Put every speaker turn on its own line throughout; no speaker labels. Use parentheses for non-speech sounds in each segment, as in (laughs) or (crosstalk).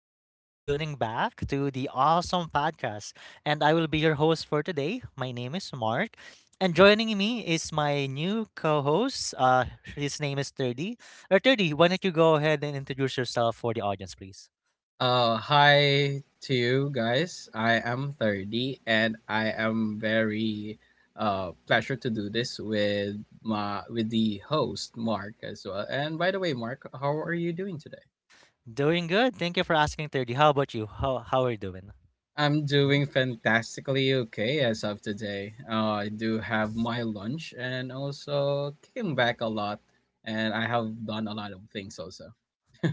Thank you for tuning back to the awesome podcast. And I will be your host for today. My name is Mark. And joining me is my new co host. His name is 30. Or 30, why don't you go ahead and introduce yourself for the audience, please?
Hi to you guys. I am 30 and I am very pleasure to do this with my with the host Mark as well. And by the way, Mark, how are you doing today?
Doing good. Thank you for asking, 30. How about you? How are you doing?
I'm
Hmm?
doing fantastically okay as of today. I do have my lunch and also came back a lot and I have done a lot of things also.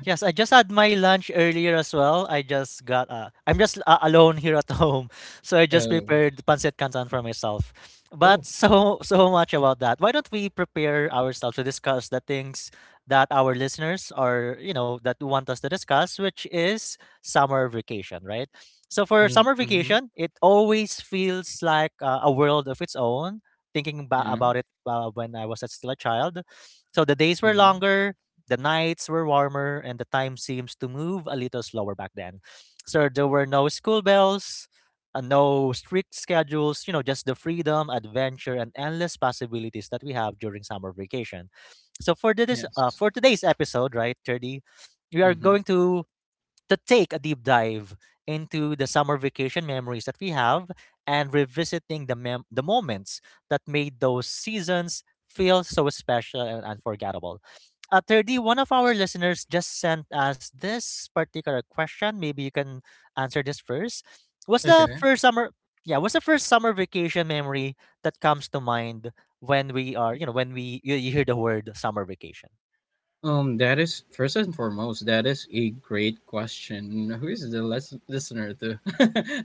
Yes, I just had my lunch earlier as well. I just got I'm just alone here at (laughs) home, so I just
Oh,
prepared pancit canton for myself.
oh,
But so (laughs) so much about that. Why don't we prepare ourselves to discuss the things that our listeners are that want us to discuss, which is summer vacation, right? So for summer
mm-hmm.
vacation, it always feels like a world of its own. Thinking
Yeah,
about it when I was still a child, so the days were
mm-hmm.
longer, the nights were warmer, and the time seems to move a little slower back then. So there were no school bells, no strict schedules, you know, just the freedom, adventure, and endless possibilities that we have during summer vacation. So for this,
Yes.
for today's episode, right, 30, we are
Mm-hmm.
going to to take a deep dive into the summer vacation memories that we have and revisiting the the moments that made those seasons feel so special and unforgettable. 31 of our
Yes.
listeners just sent us this particular question. Maybe you can answer this first. What's the
Okay.
first summer? Yeah, what's the first summer vacation memory that comes to mind when we are you know when we you, you hear the word summer vacation.
That is first and foremost, that is a great question. Who is the listener to?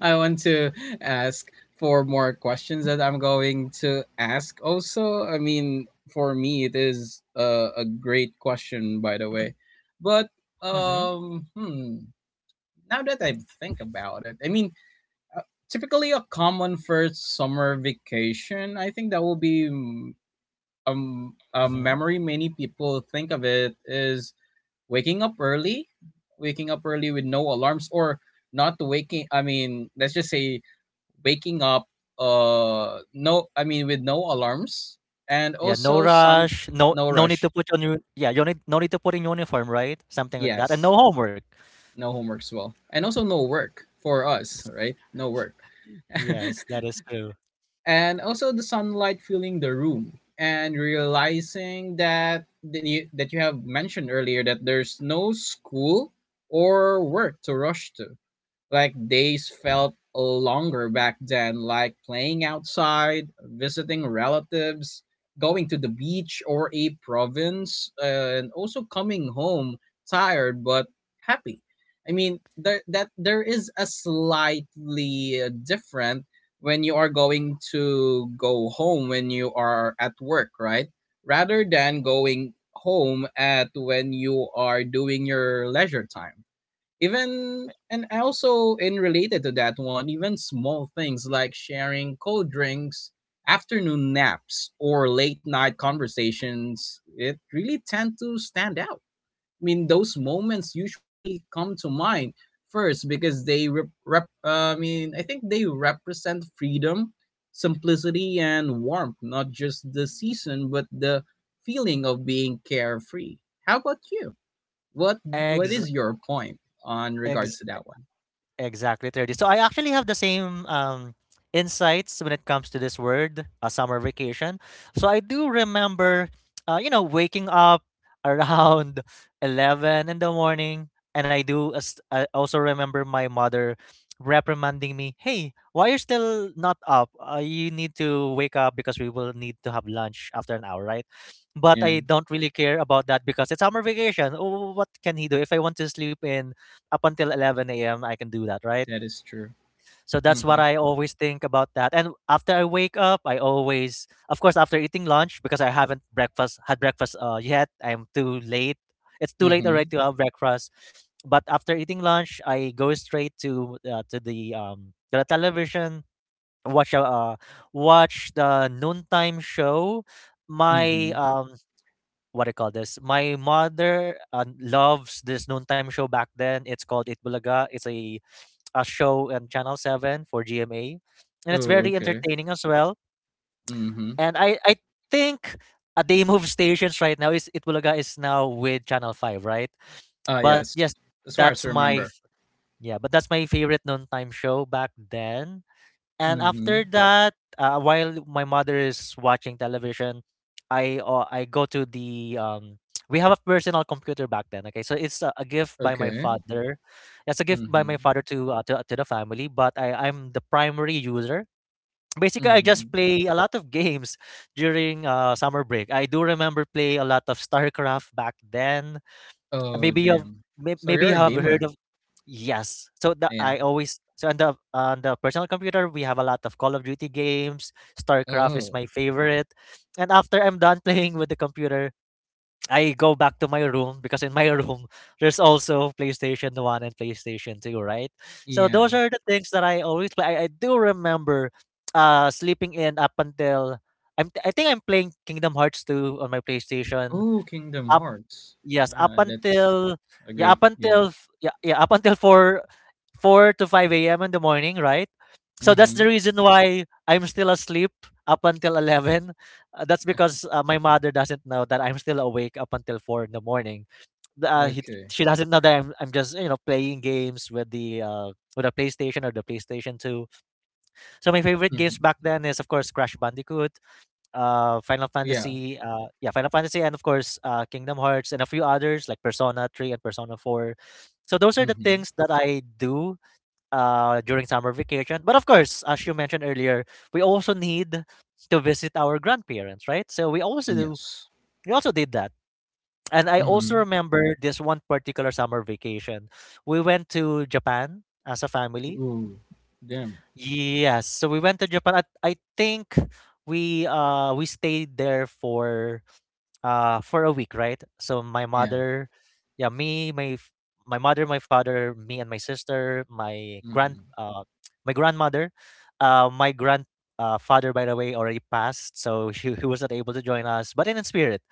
(laughs) I want to ask for more questions that I'm going to ask also. I mean, for me, it is a great question, by the way. But,
Mm-hmm.
um, hmm, now that I think about it, I mean, uh, typically a common first summer vacation, I think that will be a
Mm-hmm.
memory many people think of it is waking up early, waking up early with no alarms or not waking I mean, let's just say waking up with no alarms and
Yeah, no
also sun
rush. No,
no
no need
rush.
to put on your, yeah. You need, no need to put in uniform, right? Something like that, and no
Yes.
homework.
No homework as well. And also no work for us, right? No work. (laughs)
Yes, that is true.
And also the sunlight filling the room and realizing that you have mentioned earlier that there's no school or work to rush to. Like days felt longer back then, like playing outside, visiting relatives, going to the beach or a province, and also coming home tired but happy. I mean, there is a slightly different when you are going to go home when you are at work, right? Rather than going home at when you are doing your leisure time even and also in related to that one even small things like sharing cold drinks, afternoon naps, or late night conversations, it really tend to stand out. I mean those moments usually come to mind first because they rep, rep I mean I think they represent freedom, simplicity, and warmth, not just the season but the feeling of being carefree. How about you? what What
Ex
is your point on
ex
regards to that one?
Exactly, 30. So I actually have the same insights when it comes to this word, a summer vacation. So I do remember waking up around (laughs) 11 in the morning, and I do I also remember my mother reprimanding me, "Hey, why you are still not up? You need to wake up because we will need to have lunch after an hour, right?" But
Yeah,
I don't really care about that because it's summer vacation. Oh, what can he do if I want to sleep in up until 11 a.m.? I can do that, right?
that is true.
So that's what
Mhm.
I always think about that. And after I wake up, I always, of course, after eating lunch, because I haven't breakfast had breakfast yet. I'm too late. It's too late already
Mhm.
to have breakfast. But after eating lunch, I go straight to to the television, watch a uh, watch the noontime show. My
Mhm.
what I call this. My mother loves this noontime show back then. It's called It Bulaga. It's a show on Channel 7 for GMA. And it's
Oh,
very
okay.
entertaining as well.
Mhm.
And I think a day (laughs) move stations right now is Itbulaga is now with Channel 5, right?
Ah,
But
yes.
yes,
As far
that's
as I
my
remember.
f- yeah, but that's my favorite noontime show back then. And
Mhm.
after that, while my mother is watching television, I go to the (tsk) we have a personal computer back then. Okay, so it's a gift by my
Okay.
father. It's a gift by my father
Mhm.
to to the family, but I'm the primary user. Basically, I just
Mhm.
play a lot of (laughs) games during summer break. I do remember play a lot of StarCraft back then.
Oh,
Maybe you've,
damn. So
maybe
you're
you
a
have heard
gamer.
of. Yes, so the
Yeah.
i always so on the on the personal computer we have a lot of Call of Duty games. StarCraft is
Oh,
my favorite, and after I'm done (laughs) playing with the computer, I go back to my room because in my (laughs) room there's also PlayStation 1 and PlayStation 2, right? So
yeah.
those are the things that I always play. I do remember sleeping in up until, I think I'm playing Kingdom Hearts 2 on my PlayStation
Oh, Kingdom
up.
Hearts.
Yes, up
Yeah, that's
until,
a
yeah,
great
up until
game.
4 to 5 a.m. in the morning, right? So that's the
Mhm.
reason why I'm still asleep up until 11. That's because my mother doesn't know that I'm still awake up until 4 in the morning. The, Uh, he,
Okay.
she doesn't know that I'm just, you know, playing games with the with a PlayStation or the PlayStation 2. So my favorite games
Mhm.
back then is of course Crash Bandicoot, Final
Yeah.
Fantasy, Final Fantasy, and of course Kingdom Hearts, and a few others like Persona 3 and Persona 4. So those are the
Mhm.
things that I do during summer vacation. But of course, as you mentioned earlier, we also need to visit our grandparents, right? So
Yes.
we also did that. And I also
Mhm.
remember this one particular summer vacation. We went to Japan as a family.
Oh, damn.
Yes, so we went to Japan. I think we stayed there for a week, right? So my
Yeah.
mother, yeah, my mother, my father, me and my sister,
Mhm.
my grandmother, my grand father, by the way, already passed, so (laughs) he was not able to join us, but in spirit,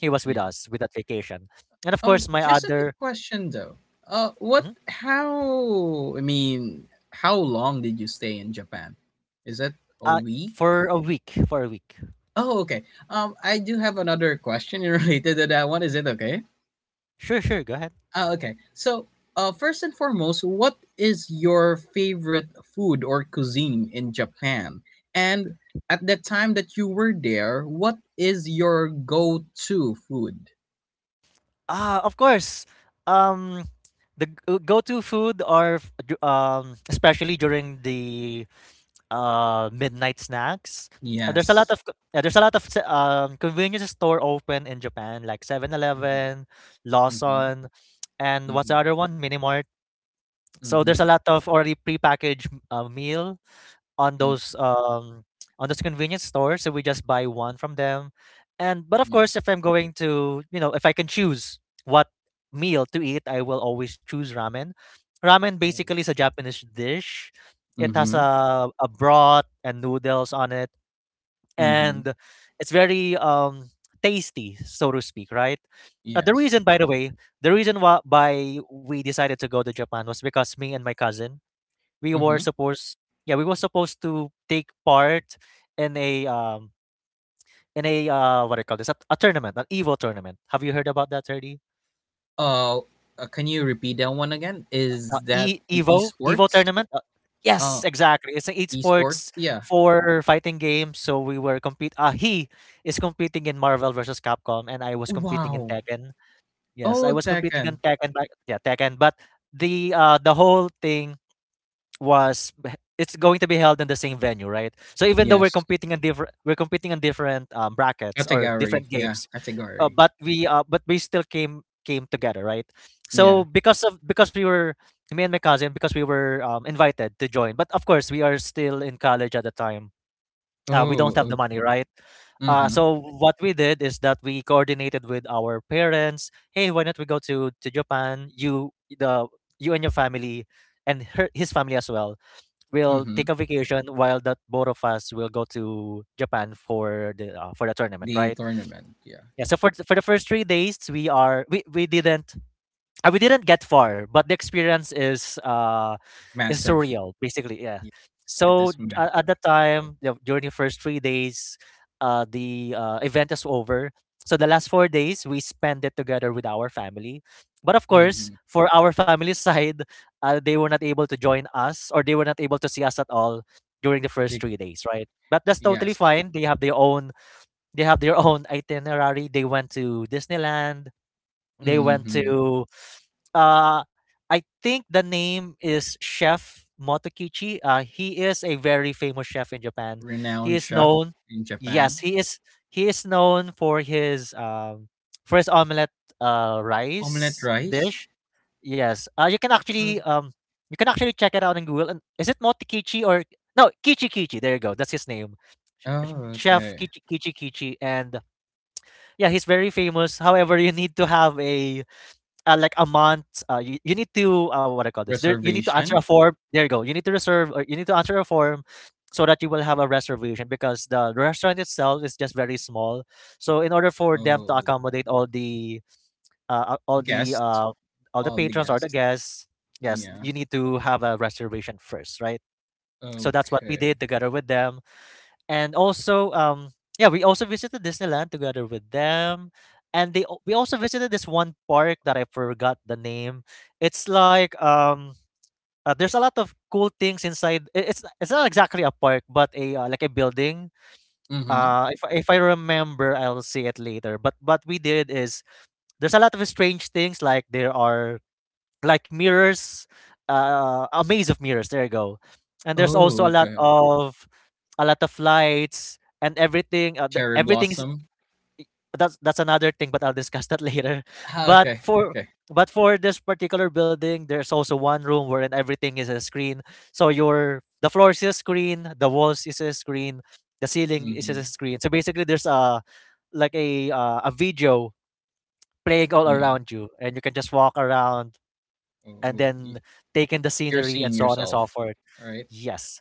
he was with
Yeah.
us with that vacation. And of course, my
Just a
other.
quick question though. What?
Mhm.
How? I mean, how long did you stay in Japan? Is that a
Uh,
week?
for a week, for a week.
Oh, okay. I do have another question (laughs) related to that one. Is it okay?
Sure, sure, go ahead.
Ah, okay. So, first and foremost, what is your favorite food or cuisine in Japan? And at the time that you were there, what is your go-to food?
Ah, of course. Um, the go-to food or especially during the midnight snacks.
Yes.
There's a lot of convenience store open in Japan, like Seven
Mm-hmm.
Eleven,
Mm-hmm.
Lawson, and what's the
Mm-hmm.
other one? Minimart. So there's a
Mhm,
lot of already prepackaged meal on
mm,
those um on those convenience stores, so we just buy one from them. And but of
yeah.
course, if I'm going to, you know, if I can choose what meal to eat, I will always choose ramen. Ramen
Oh,
basically
okay.
is a Japanese dish. It has
Mhm,
a, a broth and noodles on it,
mhm,
and it's very tasty, so to speak, right? The
yes,
reason, by the way, the reason why we decided to go to Japan was because me and my cousin we were
mhm.
supposed yeah, we were supposed to take part in a um in a what do you call this, a tournament, an Evo tournament, have you heard about that already?
Uh, can you repeat that one again?
Uh,
Is that e
Evo
esports?
tournament,
Uh,
yes, exactly, it's an
esports?
esports
Yeah.
for fighting game. So we were compete, he is competing in Marvel versus capcom and I was competing in
Wow.
Tekken. Yes,
Oh,
I was competing
Tekken.
in Tekken. But yeah tekken but The the whole thing it's going to be held in the same venue, right? So even though
Yes.
we're competing in different brackets or
Category.
different
Yeah,
games,
category.
but we still came together, right? So
Yeah.
because of because we were, me and my cousin, because we were invited to join, but of course we are still in college at the time. We don't have
Oh,
the money,
okay.
right?
Mm-hmm.
So what we did is that we coordinated with our parents. Hey, why not we go to Japan? You the you and your family, and her his family as well, we'll
Mm-hmm.
take a vacation while the both of us will go to Japan for the tournament,
The
right?
tournament. Yeah.
Yeah. So for for the first 3 days, we didn't, we didn't get far, but the experience is it's
Massive.
surreal basically, yeah.
Yes, it
So
is
at that
massive.
time, you know, during the first 3 days, the event is over, so the last 4 days we spend it together with our family, but of course
Mm-hmm.
for our family (laughs) side, they were not able to join us, or they were not able to see us at all during the first
Big.
3 days, right? But that's totally
Yes.
fine, they have their own, they have their own (laughs) itinerary. They went to Disneyland, they went
Mm-hmm.
to uh, I think the name is Chef Motokichi. He is a very famous chef in Japan. He
Renowned
is known,
chef in
yes,
Japan.
he is known for his omelette rice
Omelette rice?
dish. Yes,
Oh,
you can actually check it out in Google. And is it Motokichi or no, Kichi Kichi? There you go. That's his name.
oh,
Chef
okay.
Kichi Kichi Kichi, and yeah, he's very famous. However, you need to have a like a month. You need to what I call this. There, you need to answer a
Reservation?
form. There you go. You need to reserve or you need to answer a form so that you will have a reservation because the restaurant itself is just very small. So in order for them to
Oh,
accommodate all the all the
guest?
all the
All the
patrons or the
guests?
guests, yes,
Yeah.
you need to have a reservation first, right? So that's what we
Okay.
did together with them, and also yeah, we also visited Disneyland together with them, we also visited this one park that I forgot the name. It's like there's a lot of cool things inside. It's not exactly a park, but a, like a building.
Mm-hmm.
If I remember, I'll see it later, but what we did is, there's a lot of strange things, like there are, like, mirrors, a maze of mirrors. There you go. And there's also
Oh,
a lot
okay.
of a lot of lights and everything. The,
Cherry
everything's
blossom?
That's another thing, but I'll discuss that (laughs) later.
Ah,
But
okay,
for
okay.
but for this particular building, there's also one room wherein everything is a screen. So your the floor is a screen, the walls is a screen, the ceiling is a
Mm-hmm.
screen. So basically, there's a, like a, a video playing all
Yeah.
around you, and you can just walk around and
Oh,
then
y-
take in the
you're
scenery and
seeing
so on and so
yourself.
forth.
All right.
Yes.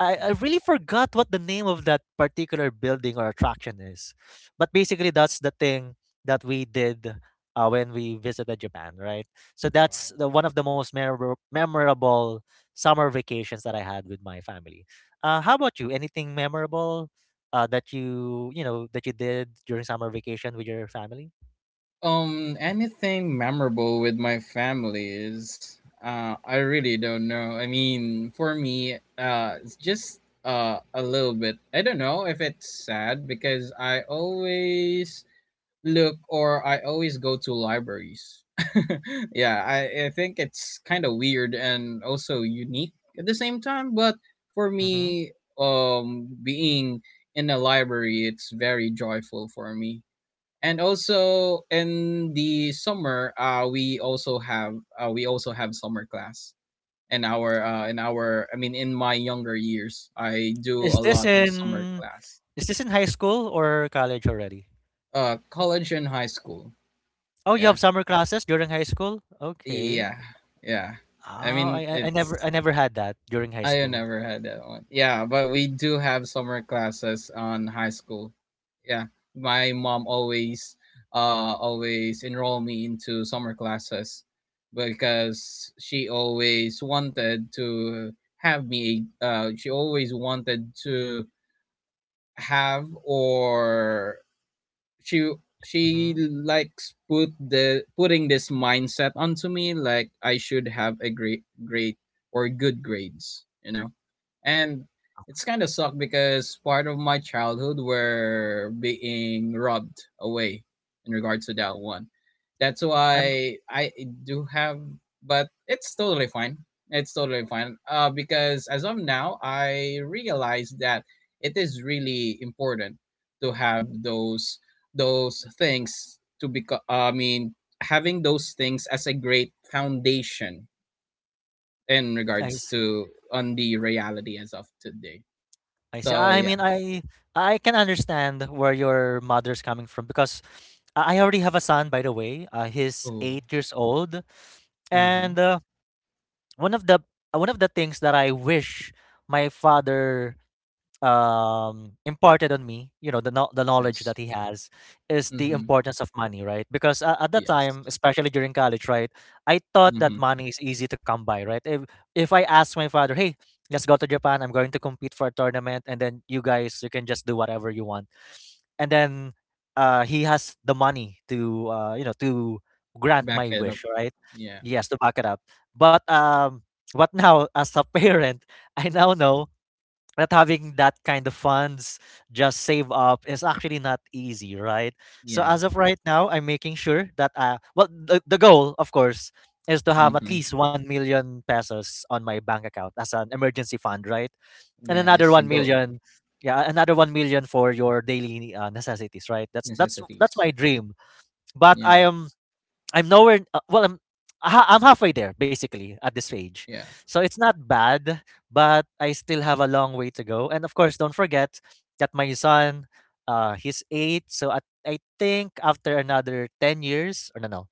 I really forgot what the name of that particular building or attraction is. But basically, that's the thing that we did when we visited Japan, right? So that's
Wow.
one of the most memorable, summer vacations that I had with my family. How about you? Anything memorable that that you did during summer vacation with your family? Mhm.
Anything memorable with my family is, I really don't know. I mean, for me, it's just a little bit. I don't know if it's sad because I always look or I always go to libraries. (laughs) Yeah, I think it's kind of weird and also unique at the same time. But for
Mhm.
me, being in a library, it's very joyful for me. And also in the summer we also have summer class in our in my younger years I do
Is
a
this
lot of summer
in
class.
is this in high school or college already?
College and high school.
Oh, you have
Yeah,
summer classes during high school? Okay.
yeah, yeah.
Oh,
I mean
I
it's
never had that during high
I
school.
never had that one. Yeah, but we do have summer classes on high school. Yeah, my mom always, uh, always enroll me into summer classes because she always wanted to have me. She always wanted to have or she she
Mm-hmm.
likes putting this mindset onto me like I should have a great or good grades, you know. And it's kind of sucked because part of my childhood were being robbed away in regards to that one. That's
I'm
why I do have, but it's totally fine. It's totally fine. Because as of now, I realize that it is really important to have those things to become. Having those things as a great foundation in
I
regards
see.
to on the reality as of today,
I see.
so
I
yeah.
mean, I can understand where your mother's coming from, because I already have a son, by the way. He's
Oh.
8 years old, and
Uh-huh.
one of the one of the things that I wish my father imparted on me, you know the knowledge
Yes.
that he has, is the
Mm-hmm.
importance of money, right? Because at that
Yes.
time, especially during college, right, I thought that
Mm-hmm.
money is easy to come by, right? If I ask my father, hey, let's go to Japan, I'm going to compete for a tournament, and then you can just do whatever you want, and then he has the money to, to grant
Back
my
it up.
wish, right?
Yeah.
Yes, to back it up. But what now (laughs) as a parent, I now know that having that kind of funds just save up is actually not easy, right? So
Yeah.
as of right now, I'm making sure that, well, the goal, of course, is to have at
Mm-hmm.
least 1 million pesos on my bank account as an emergency fund, right? And
That
another
is the
1
goal.
million. Yeah, another 1 million for your daily, necessities, right? That's
Necessities.
my dream. But
Yeah.
I'm nowhere. Well, I'm halfway there, basically, at this stage,
Yeah.
so it's not bad, but I still have a long way to go. And of course, don't forget that my son, he's eight. So, I think after another 10 years, or no, no,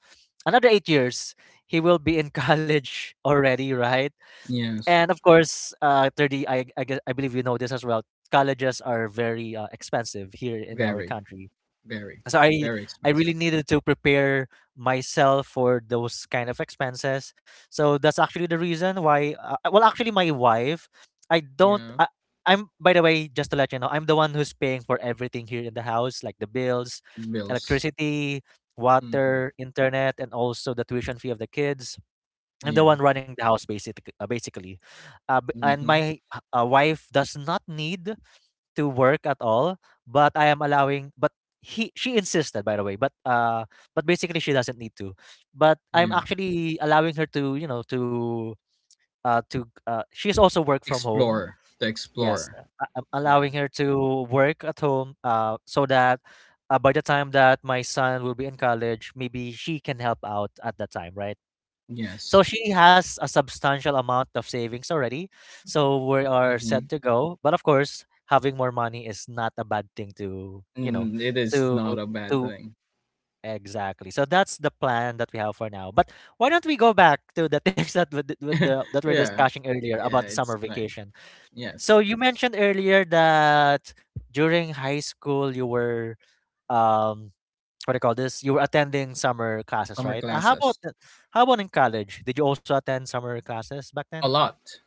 another 8 years, he will be in (laughs) college already, right?
Yes.
And of course, 30. Guess, I believe you know this as well. Colleges are very expensive here in our
Very,
country,
very,
so i
very
i really
expensive.
needed to prepare myself for those kind of expenses. So that's actually the reason why, well, actually, my wife, I don't
Yeah.
I, I'm, by the way, just to let you know, I'm the one who's paying for everything here in the house, like the bills,
Bills.
electricity,
Mm-hmm.
water, internet, and also the tuition fee of the kids. I'm the
Yeah.
one running the house, basically. And
Mm-hmm.
my wife does not need to work at all, but I am allowing. But he she insisted, by the way, but basically, she doesn't need to. But I'm
Yeah.
actually allowing her to, she's also work from home.
Explore, the
Yes,
explorer.
I'm allowing
Yeah.
her to work at home, so that, by the time that my son will be in college, maybe she can help out at that time, right? So
Yes.
she has a substantial amount of savings already. So we are
Mhm.
set to go. But of course, having more money is not a bad thing, to, you know,
Mm, it is
to
not a bad
to
thing.
exactly. So that's the plan that we have for now. But why don't we go back to the (laughs) things that, with the that we're
Yeah.
discussing earlier
Yeah,
about the summer
it's fine.
vacation? So
Yes.
you mentioned earlier that during high school you were, um what do you call this? You were attending summer classes,
Summer
right?
classes.
How about in college? Did you also attend summer classes back then?
A lot.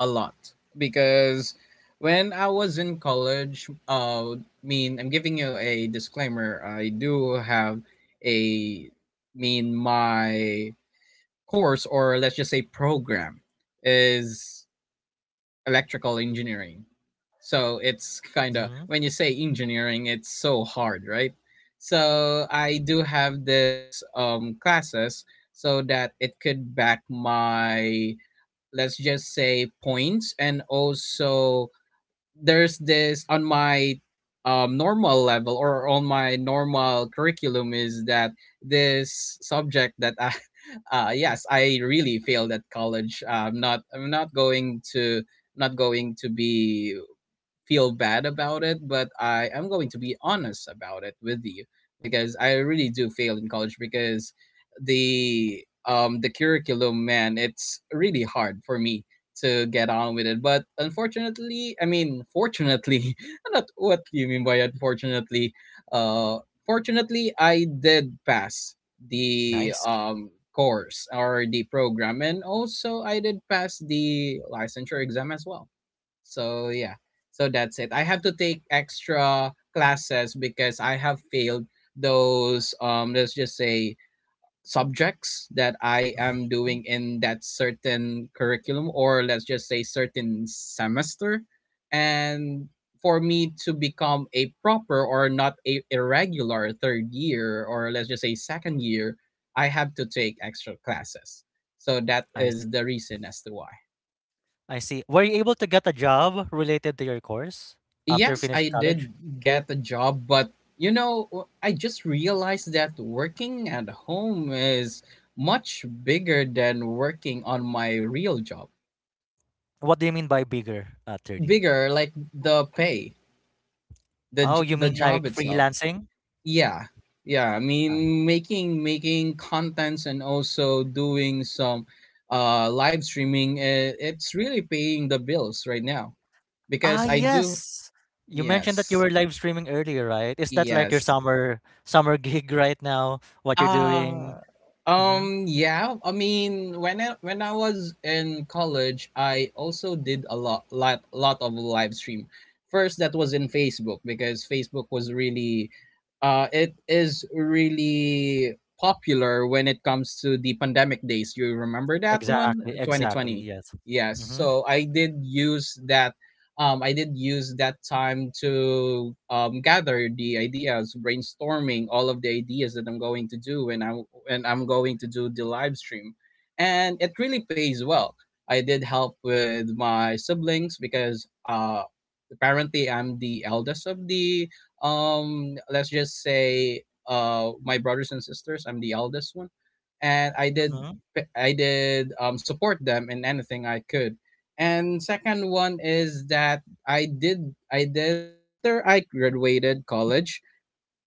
A lot. Because when I was in college, mean, I'm giving you a disclaimer. I do have a mean my course or let's just say program is electrical engineering. So it's kind of
Hmm.
when you say engineering, it's so hard, right? So I do have this classes so that it could back my let's just say points. And also there's this on my normal level or on my normal curriculum is that this subject that (laughs) yes, I really failed at college. I'm not going to, not going to be feel bad about it, but I am going to be honest about it with you because I really do fail in college because the curriculum man, it's really hard for me to get on with it. But unfortunately I mean fortunately, (laughs) not, what do you mean by unfortunately. uh Fortunately, I did pass the
Nice.
course or the program, and also I did pass the licensure exam as well. So yeah, so that's it. I have to take extra classes because I have failed those let's just say subjects that I am
Hmm.
doing in that certain curriculum or let's just say certain semester. And for me to become a proper or not a irregular third year or let's just say second year, I have to take extra classes. So that
I s-
is the reason as to why.
I see. Were you able to get a job related to your course after
Yes, I
finishing college?
did get a job, but you know, I just realized that working at home is much bigger than working on my real job.
What do you mean by bigger at 30?
Bigger, like the pay, the
Oh, you
the
mean like
job itself.
freelancing?
Yeah, yeah. I
Ah,
mean, making contents and also doing some live streaming. It's really paying the bills right now because I do.
Yes. You mentioned that you
Yes,
were live streaming earlier, right? Is that like your
yes.
summer (laughs) gig right now? What you're doing?
Uh
Mm-hmm.
yeah, I mean when I was in college, I also did a lot of live stream. First that was in Facebook because Facebook was really it is really popular when it comes to the pandemic days. You remember that one?
Exactly, exactly.
2020.
Yes.
Yes. So I did use that I did use that time to gather the ideas, brainstorming all of the ideas that I'm going to do when I'm going to do the live stream, and it really pays well. I did help with my siblings because apparently, I'm the eldest of the Let's just say my brothers and sisters. I'm the eldest one, and
Mm-hmm.
I did support them in anything I could. And second one is that I did after I graduated college,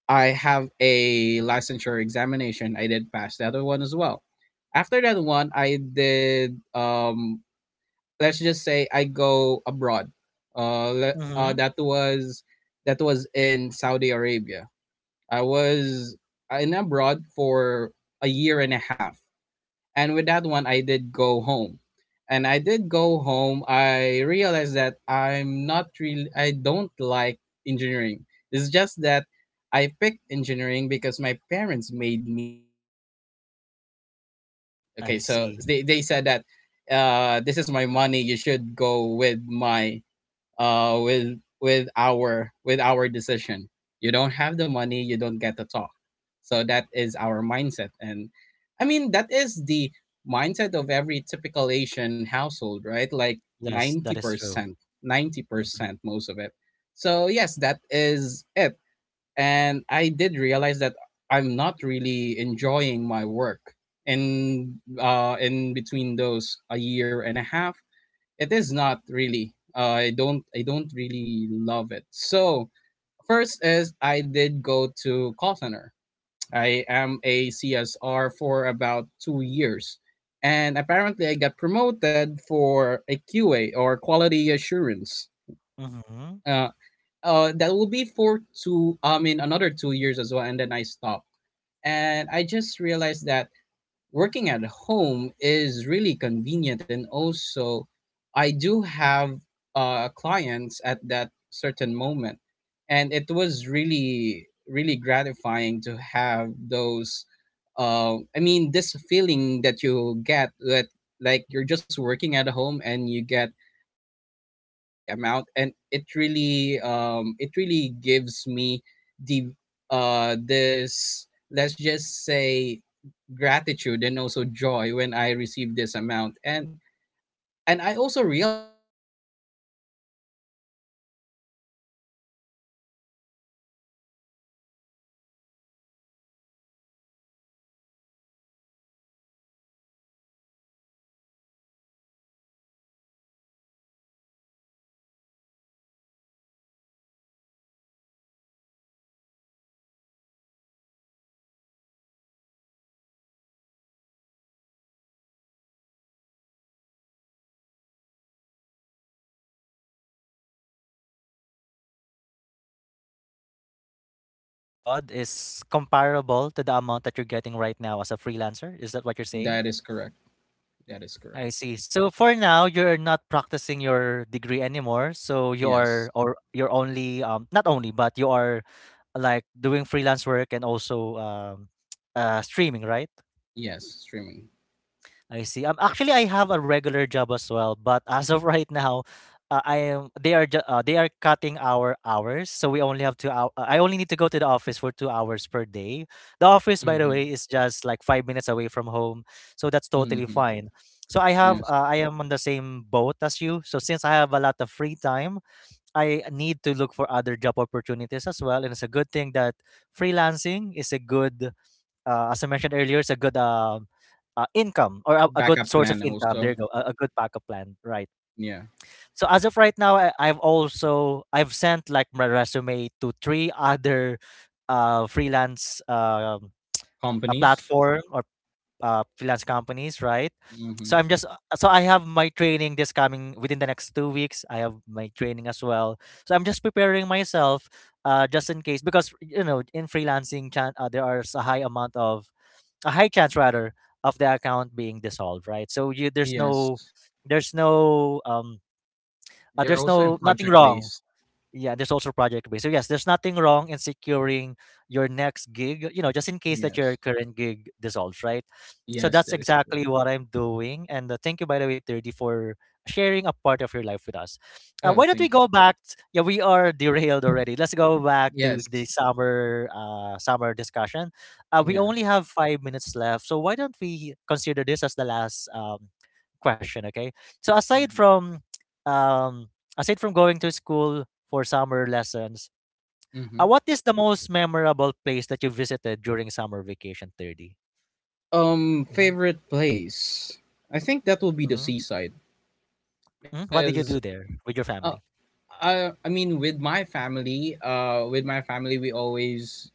I have a licensure examination. I did pass the other one as well. After that one, I did let's just say I go abroad. Uh, le- uh,
Mm-hmm.
that was that was in Saudi Arabia. I was in abroad for a year and a half, and with that one, I did go home. And I did go home. I realized that I'm not really. I don't like engineering. It's just that I picked engineering because my parents made me to do it. Okay,
I
so
see.
they said that this is my money. You should go with my with our decision. You don't have the money, you don't get to talk. So that is our mindset, and that is the mindset of every typical Asian household, right? Like
Yes,
ninety
that is true.
percent, ninety
Mm-hmm.
percent, most of it. So yes, that is it, and I did realize that I'm not really enjoying my work. And in between those a year and a half, it is not really. I don't really love it. So first is I did go to call center. I am a CSR for about 2 years, and apparently I got promoted for a QA or quality assurance.
Mm-hmm.
Uh, that will be for two. I mean another 2 years as well, and then I stopped and I just realized that working at home is really convenient. And also, I do have clients at that certain moment. And it was really, really gratifying to have this feeling that you get that like you're just working at home and you get this specific amount, and it really gives me the this let's just say gratitude and also joy when I receive this amount. And I also realized that it is really, I mean, the pay that I receive at my job when I was in Saudi Arabia versus the pay that I receive in just working at home, it is significantly different. I mean, there's a, like, the I mean, working at the home, I mean, work from home setup is really giving than just going into you know the to abroad just like that.
I see.
So
So basically, the amount that you're getting while you're working abroad is comparable to the amount that you're getting right now as a freelancer. Is that what you're saying?
that is correct. That is correct.
I see. So for now, you're not practicing your degree anymore. So you
Yes.
are, or you're only, not only, but you are, like, doing freelance work, and also, (tsk) streaming, right?
Yes. Streaming.
I see. Actually, I have a regular job as well, but as of (laughs) right now, I am they are, they are cutting our hours, so we only have 2 hours. I only need to go to the office for 2 hours per day. The office, by the
Mm-hmm.
way, is just like 5 minutes away from home, so that's totally
Mm-hmm.
fine.
Yes.
I am on the same boat as you. So since I have a lot of free time, I need to look for other job opportunities as well, and it's a good thing that freelancing is a good, as I mentioned earlier, it's a good, income, or a good
Backup
source of
plan
income. There you
also.
go, a good backup plan, right?
Yeah.
So as of right now, I, I've also I've sent, like, my resume to three other, freelance, a
Companies.
platform, or freelance companies, right?
Mm-hmm.
So I have my training this coming within the next 2 weeks. I have my training as well, so I'm just preparing myself, just in case. Because you know in freelancing, there are a high amount of, a high chance rather, of the account being dissolved, right? So you
Yes.
there's no um
They're
there's
also in
no, nothing
project
wrong.
based.
Yeah, there's also project based. So yes, there's nothing wrong in securing your next gig, just in case that your
Yes.
current gig dissolves, right? So
Yes,
that's
that is correct.
exactly what I'm doing. And thank you, by the way, 30, for sharing a part of your life with us.
Oh,
Why don't we
thank you.
go yeah, we are derailed already. Let's go back to
Yes.
the summer, summer discussion. We
Yeah.
only have 5 minutes left, so why don't we consider this as the last, question. Okay. so aside
Hmm.
from um, Aside from going to school for summer lessons,
Hmm.
what is the most memorable place that you visited during summer vacation, 30? Mhm.
Favorite place? I think that will be the
Mhm.
seaside
Mhm. What did you
because
do there with your
uh,
family?
I mean, with my with my family, we always,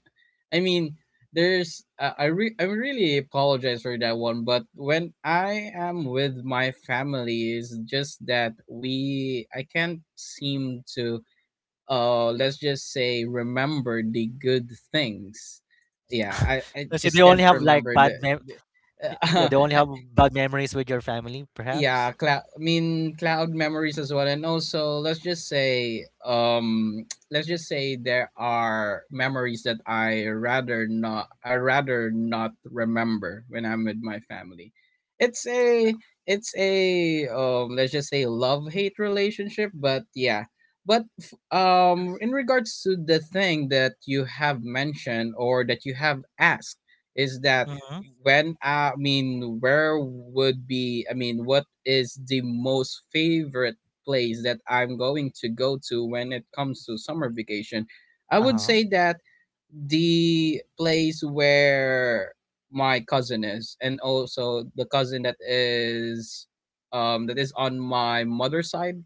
I mean, there's, I really apologize for that one, but when I am with my family, is just that I can't seem to, let's just say, remember the good things. Yeah,
(laughs)
I
Let's say they
just
only
can't
have like
remember the.
yeah,
(laughs)
they only have bad memories with your family, perhaps.
Yeah, cloud I mean cloud memories as well, and also, let's just say, (tsk) let's just say there are memories that I rather not remember when I'm with my family. It's a, um, let's just say, love hate relationship, but yeah, in regards to the thing that you have mentioned or that you have asked, is that
Mm-hmm.
when I mean, where would be? I mean, what is the most favorite place that I'm going to go to when it comes to summer vacation? I would
Uh-huh.
say that the place where my cousin is, and also the cousin that is on my mother's side,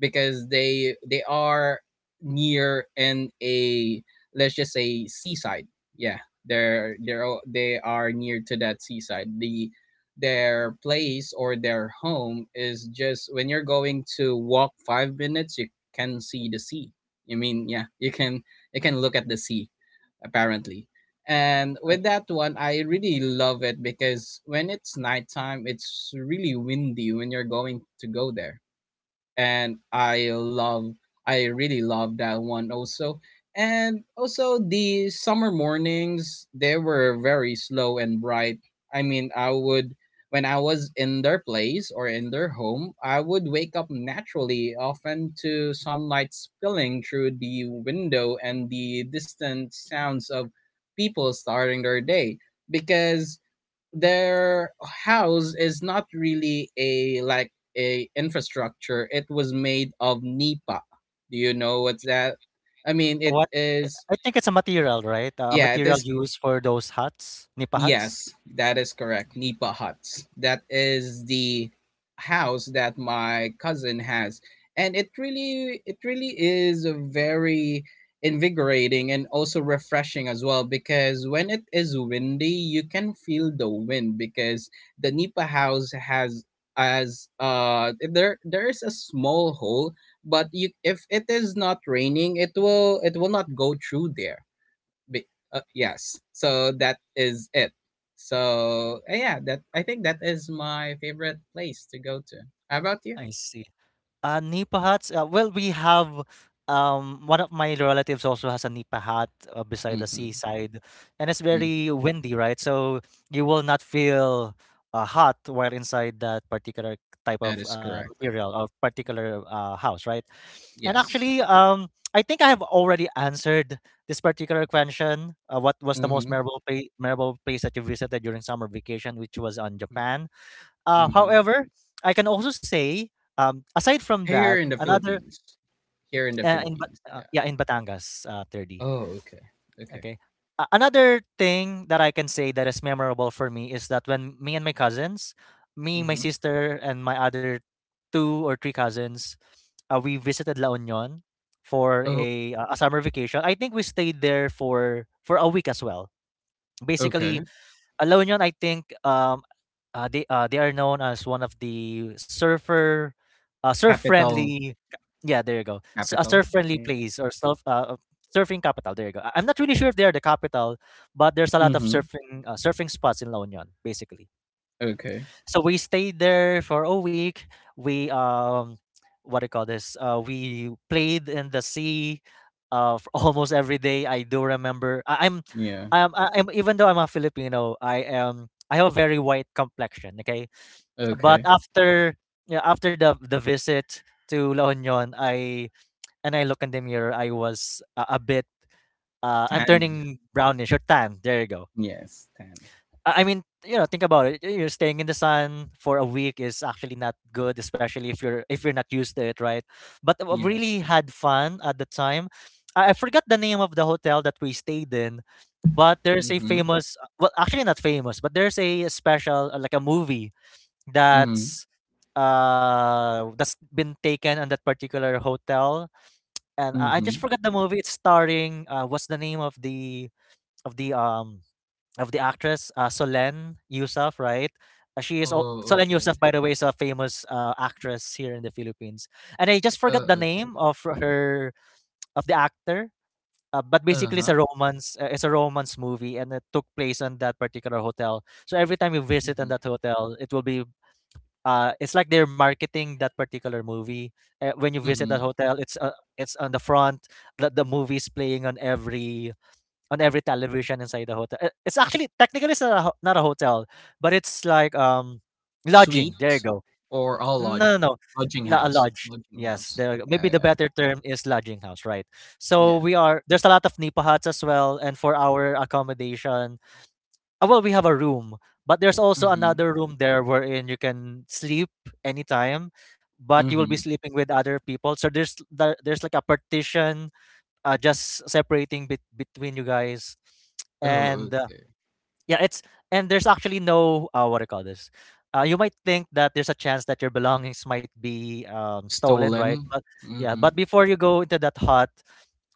because they are near in a, let's just say, seaside. Yeah, they are near to that seaside. The their place or their home is just when you're going to walk 5 minutes you can see the sea. I mean, yeah, you can, you can look at the sea apparently. And
Uh,
with that one, I really love it because when it's nighttime, it's really windy when you're going to go there, and I really love that one also. And also the summer mornings, they were very slow and bright. I mean, I would when I was in their place or in their home, I would wake up naturally, often to sunlight spilling through the window and the distant sounds of people starting their day, because their house is not really a, like, a infrastructure. It was made of nipa. Do you know what's that? I mean, it
What I
is
I think it's a material, right? A
yeah, it
material
is.
used for those huts, nipa huts.
Yes, that is correct. Nipa huts. That is the house that my cousin has, and it really is a very invigorating and also refreshing as well, because when it is windy, you can feel the wind because the Nipa house has, as there there is a small hole, but you, if it is not raining, it will not go through there. Yes. So that is it. So yeah, that I think that is my favorite place to go to. How about you?
I see. Nipa hats. Well, we have, one of my relatives also has a nipa hut, beside the
Mm-hmm.
seaside, and it's
Hmm.
very windy, right? So you will not feel, hot while inside that particular type
That
of
is correct.
material or particular house, right? And
Yes.
actually, I think I have already answered this particular question. What was the most
Mm-hmm.
memorable place that you visited during summer vacation, which was on
Mm-hmm.
Japan? Uh,
Mm-hmm.
however, I can also say, aside from that,
Here in the
another
Philippines. Here in the
in
Philippines. Yeah.
yeah in Batangas, 30.
Oh, okay. Okay.
Okay. Another thing that I can say that is memorable for me is that when me and my cousins, me, my
Mm-hmm.
sister, and my other two or three cousins, we visited La Union for
Oh,
a summer vacation. I think we stayed there for a week as well. Basically,
okay.
La Union, I think, they are known as one of the surfer, surf
Capital.
friendly. Yeah, there you go. A
Capital.
surf friendly
Yeah.
place or surfing capital. There you go. I'm not really sure if they are the capital, but there's a lot of
Mm-hmm.
surfing spots in La Union, basically
Okay.
so we stayed there for a week. We what do you call this? We played in the sea, for (laughs) almost every day. I do remember. I,
Yeah.
I'm, I- I'm. Even though I'm a Filipino, I am. I have a very white complexion. Okay, but
Okay.
after yeah, after the visit to La Union, I look in the mirror. I was a bit. I'm
Tanned.
turning brownish or tan. There you go.
Yes. Tanned.
I mean, you know, think about it. You're staying in the sun for a week is actually not good, especially if you're not used to it, right? But I really
Yes.
had fun at the time. I forgot the name of the hotel that we stayed in, but there's a
Mm-hmm.
famous, well, actually not famous, but there's a special like a movie
Mm-hmm.
that's that's been taken on that particular hotel, and I just
Mm-hmm.
forgot the movie. It's starring what's the name of of the um the actress Solen Yusuf, right? She is
Oh,
Solen
okay.
Yusuf, by the way, is a famous actress here in the Philippines, and I just forgot the
Okay.
name of her of the actor. But basically,
Uh-huh.
it's a romance. It's a romance movie, and it took place on that particular hotel. So every time you visit on
Mhm.
that hotel, it will be. It's like they're marketing that particular movie. When you visit that
Mhm.
hotel, it's on the front. The movie's playing on every television inside the hotel. It's actually technically it's not a, ho- not a hotel, but it's like lodging. There you
Suites
go.
or all
No, no,
lodge
no,
lodging
A
house.
lodge.
Lodging
Yes,
house.
there you go.
Yeah,
Maybe the
yeah.
better term is lodging house, right? So
Yeah.
we are There's a lot of nipa huts as well, and for our accommodation, well, we have a room, but there's also
Mhm.
another room there wherein you can sleep anytime, but you will be
Mhm.
sleeping with other people. So there's like a partition just separating between you guys.
Oh,
And
okay.
yeah, it's and there's actually no what do you call this. You might think that there's a chance that your belongings might be stolen,
Stolen.
right? But yeah,
Mhm.
but before you go into that hut,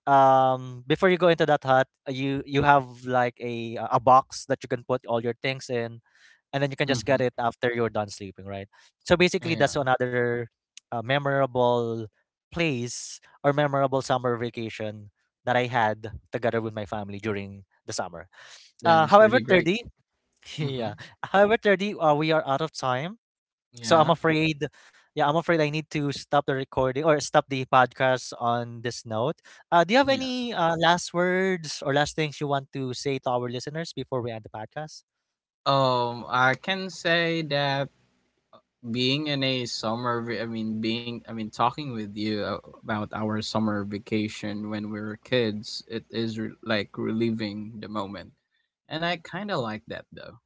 before you go into that hut, you have like a box that you can put all your things in, and then you can just get
Mhm.
it after you're done sleeping, right? So basically, that's
Yeah.
another memorable place or memorable summer vacation that I had together with my family during the summer.
That is
However,
really great.
30, (laughs) yeah.
Mhm.
However, 30, we are out of time. So I'm
Yeah.
afraid, yeah, I'm afraid I need to stop the recording or stop the podcast on this note. Do you have
Yeah.
any last words or last things you want to say to our listeners before we end the podcast?
I can say that being in a summer, va- I mean, being, I mean, talking with you about our summer vacation when we were kids, like reliving the moment. And I kind of like that though.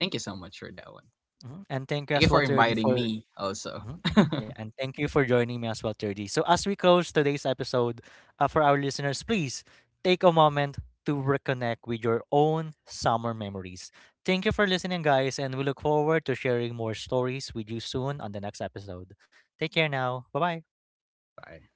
Thank you so much for that one.
Mhm. And thank you
Thank
as
you
well,
for
Trudy,
inviting
for
me also.
mhm. Yeah, and thank you for joining me as well, Turdy. So, as we close today's episode, for our listeners, please take a moment to reconnect with your own summer memories. Thank you for listening, guys, and we look forward to sharing more stories with you soon on the next episode. Take care now. Bye bye.
Bye.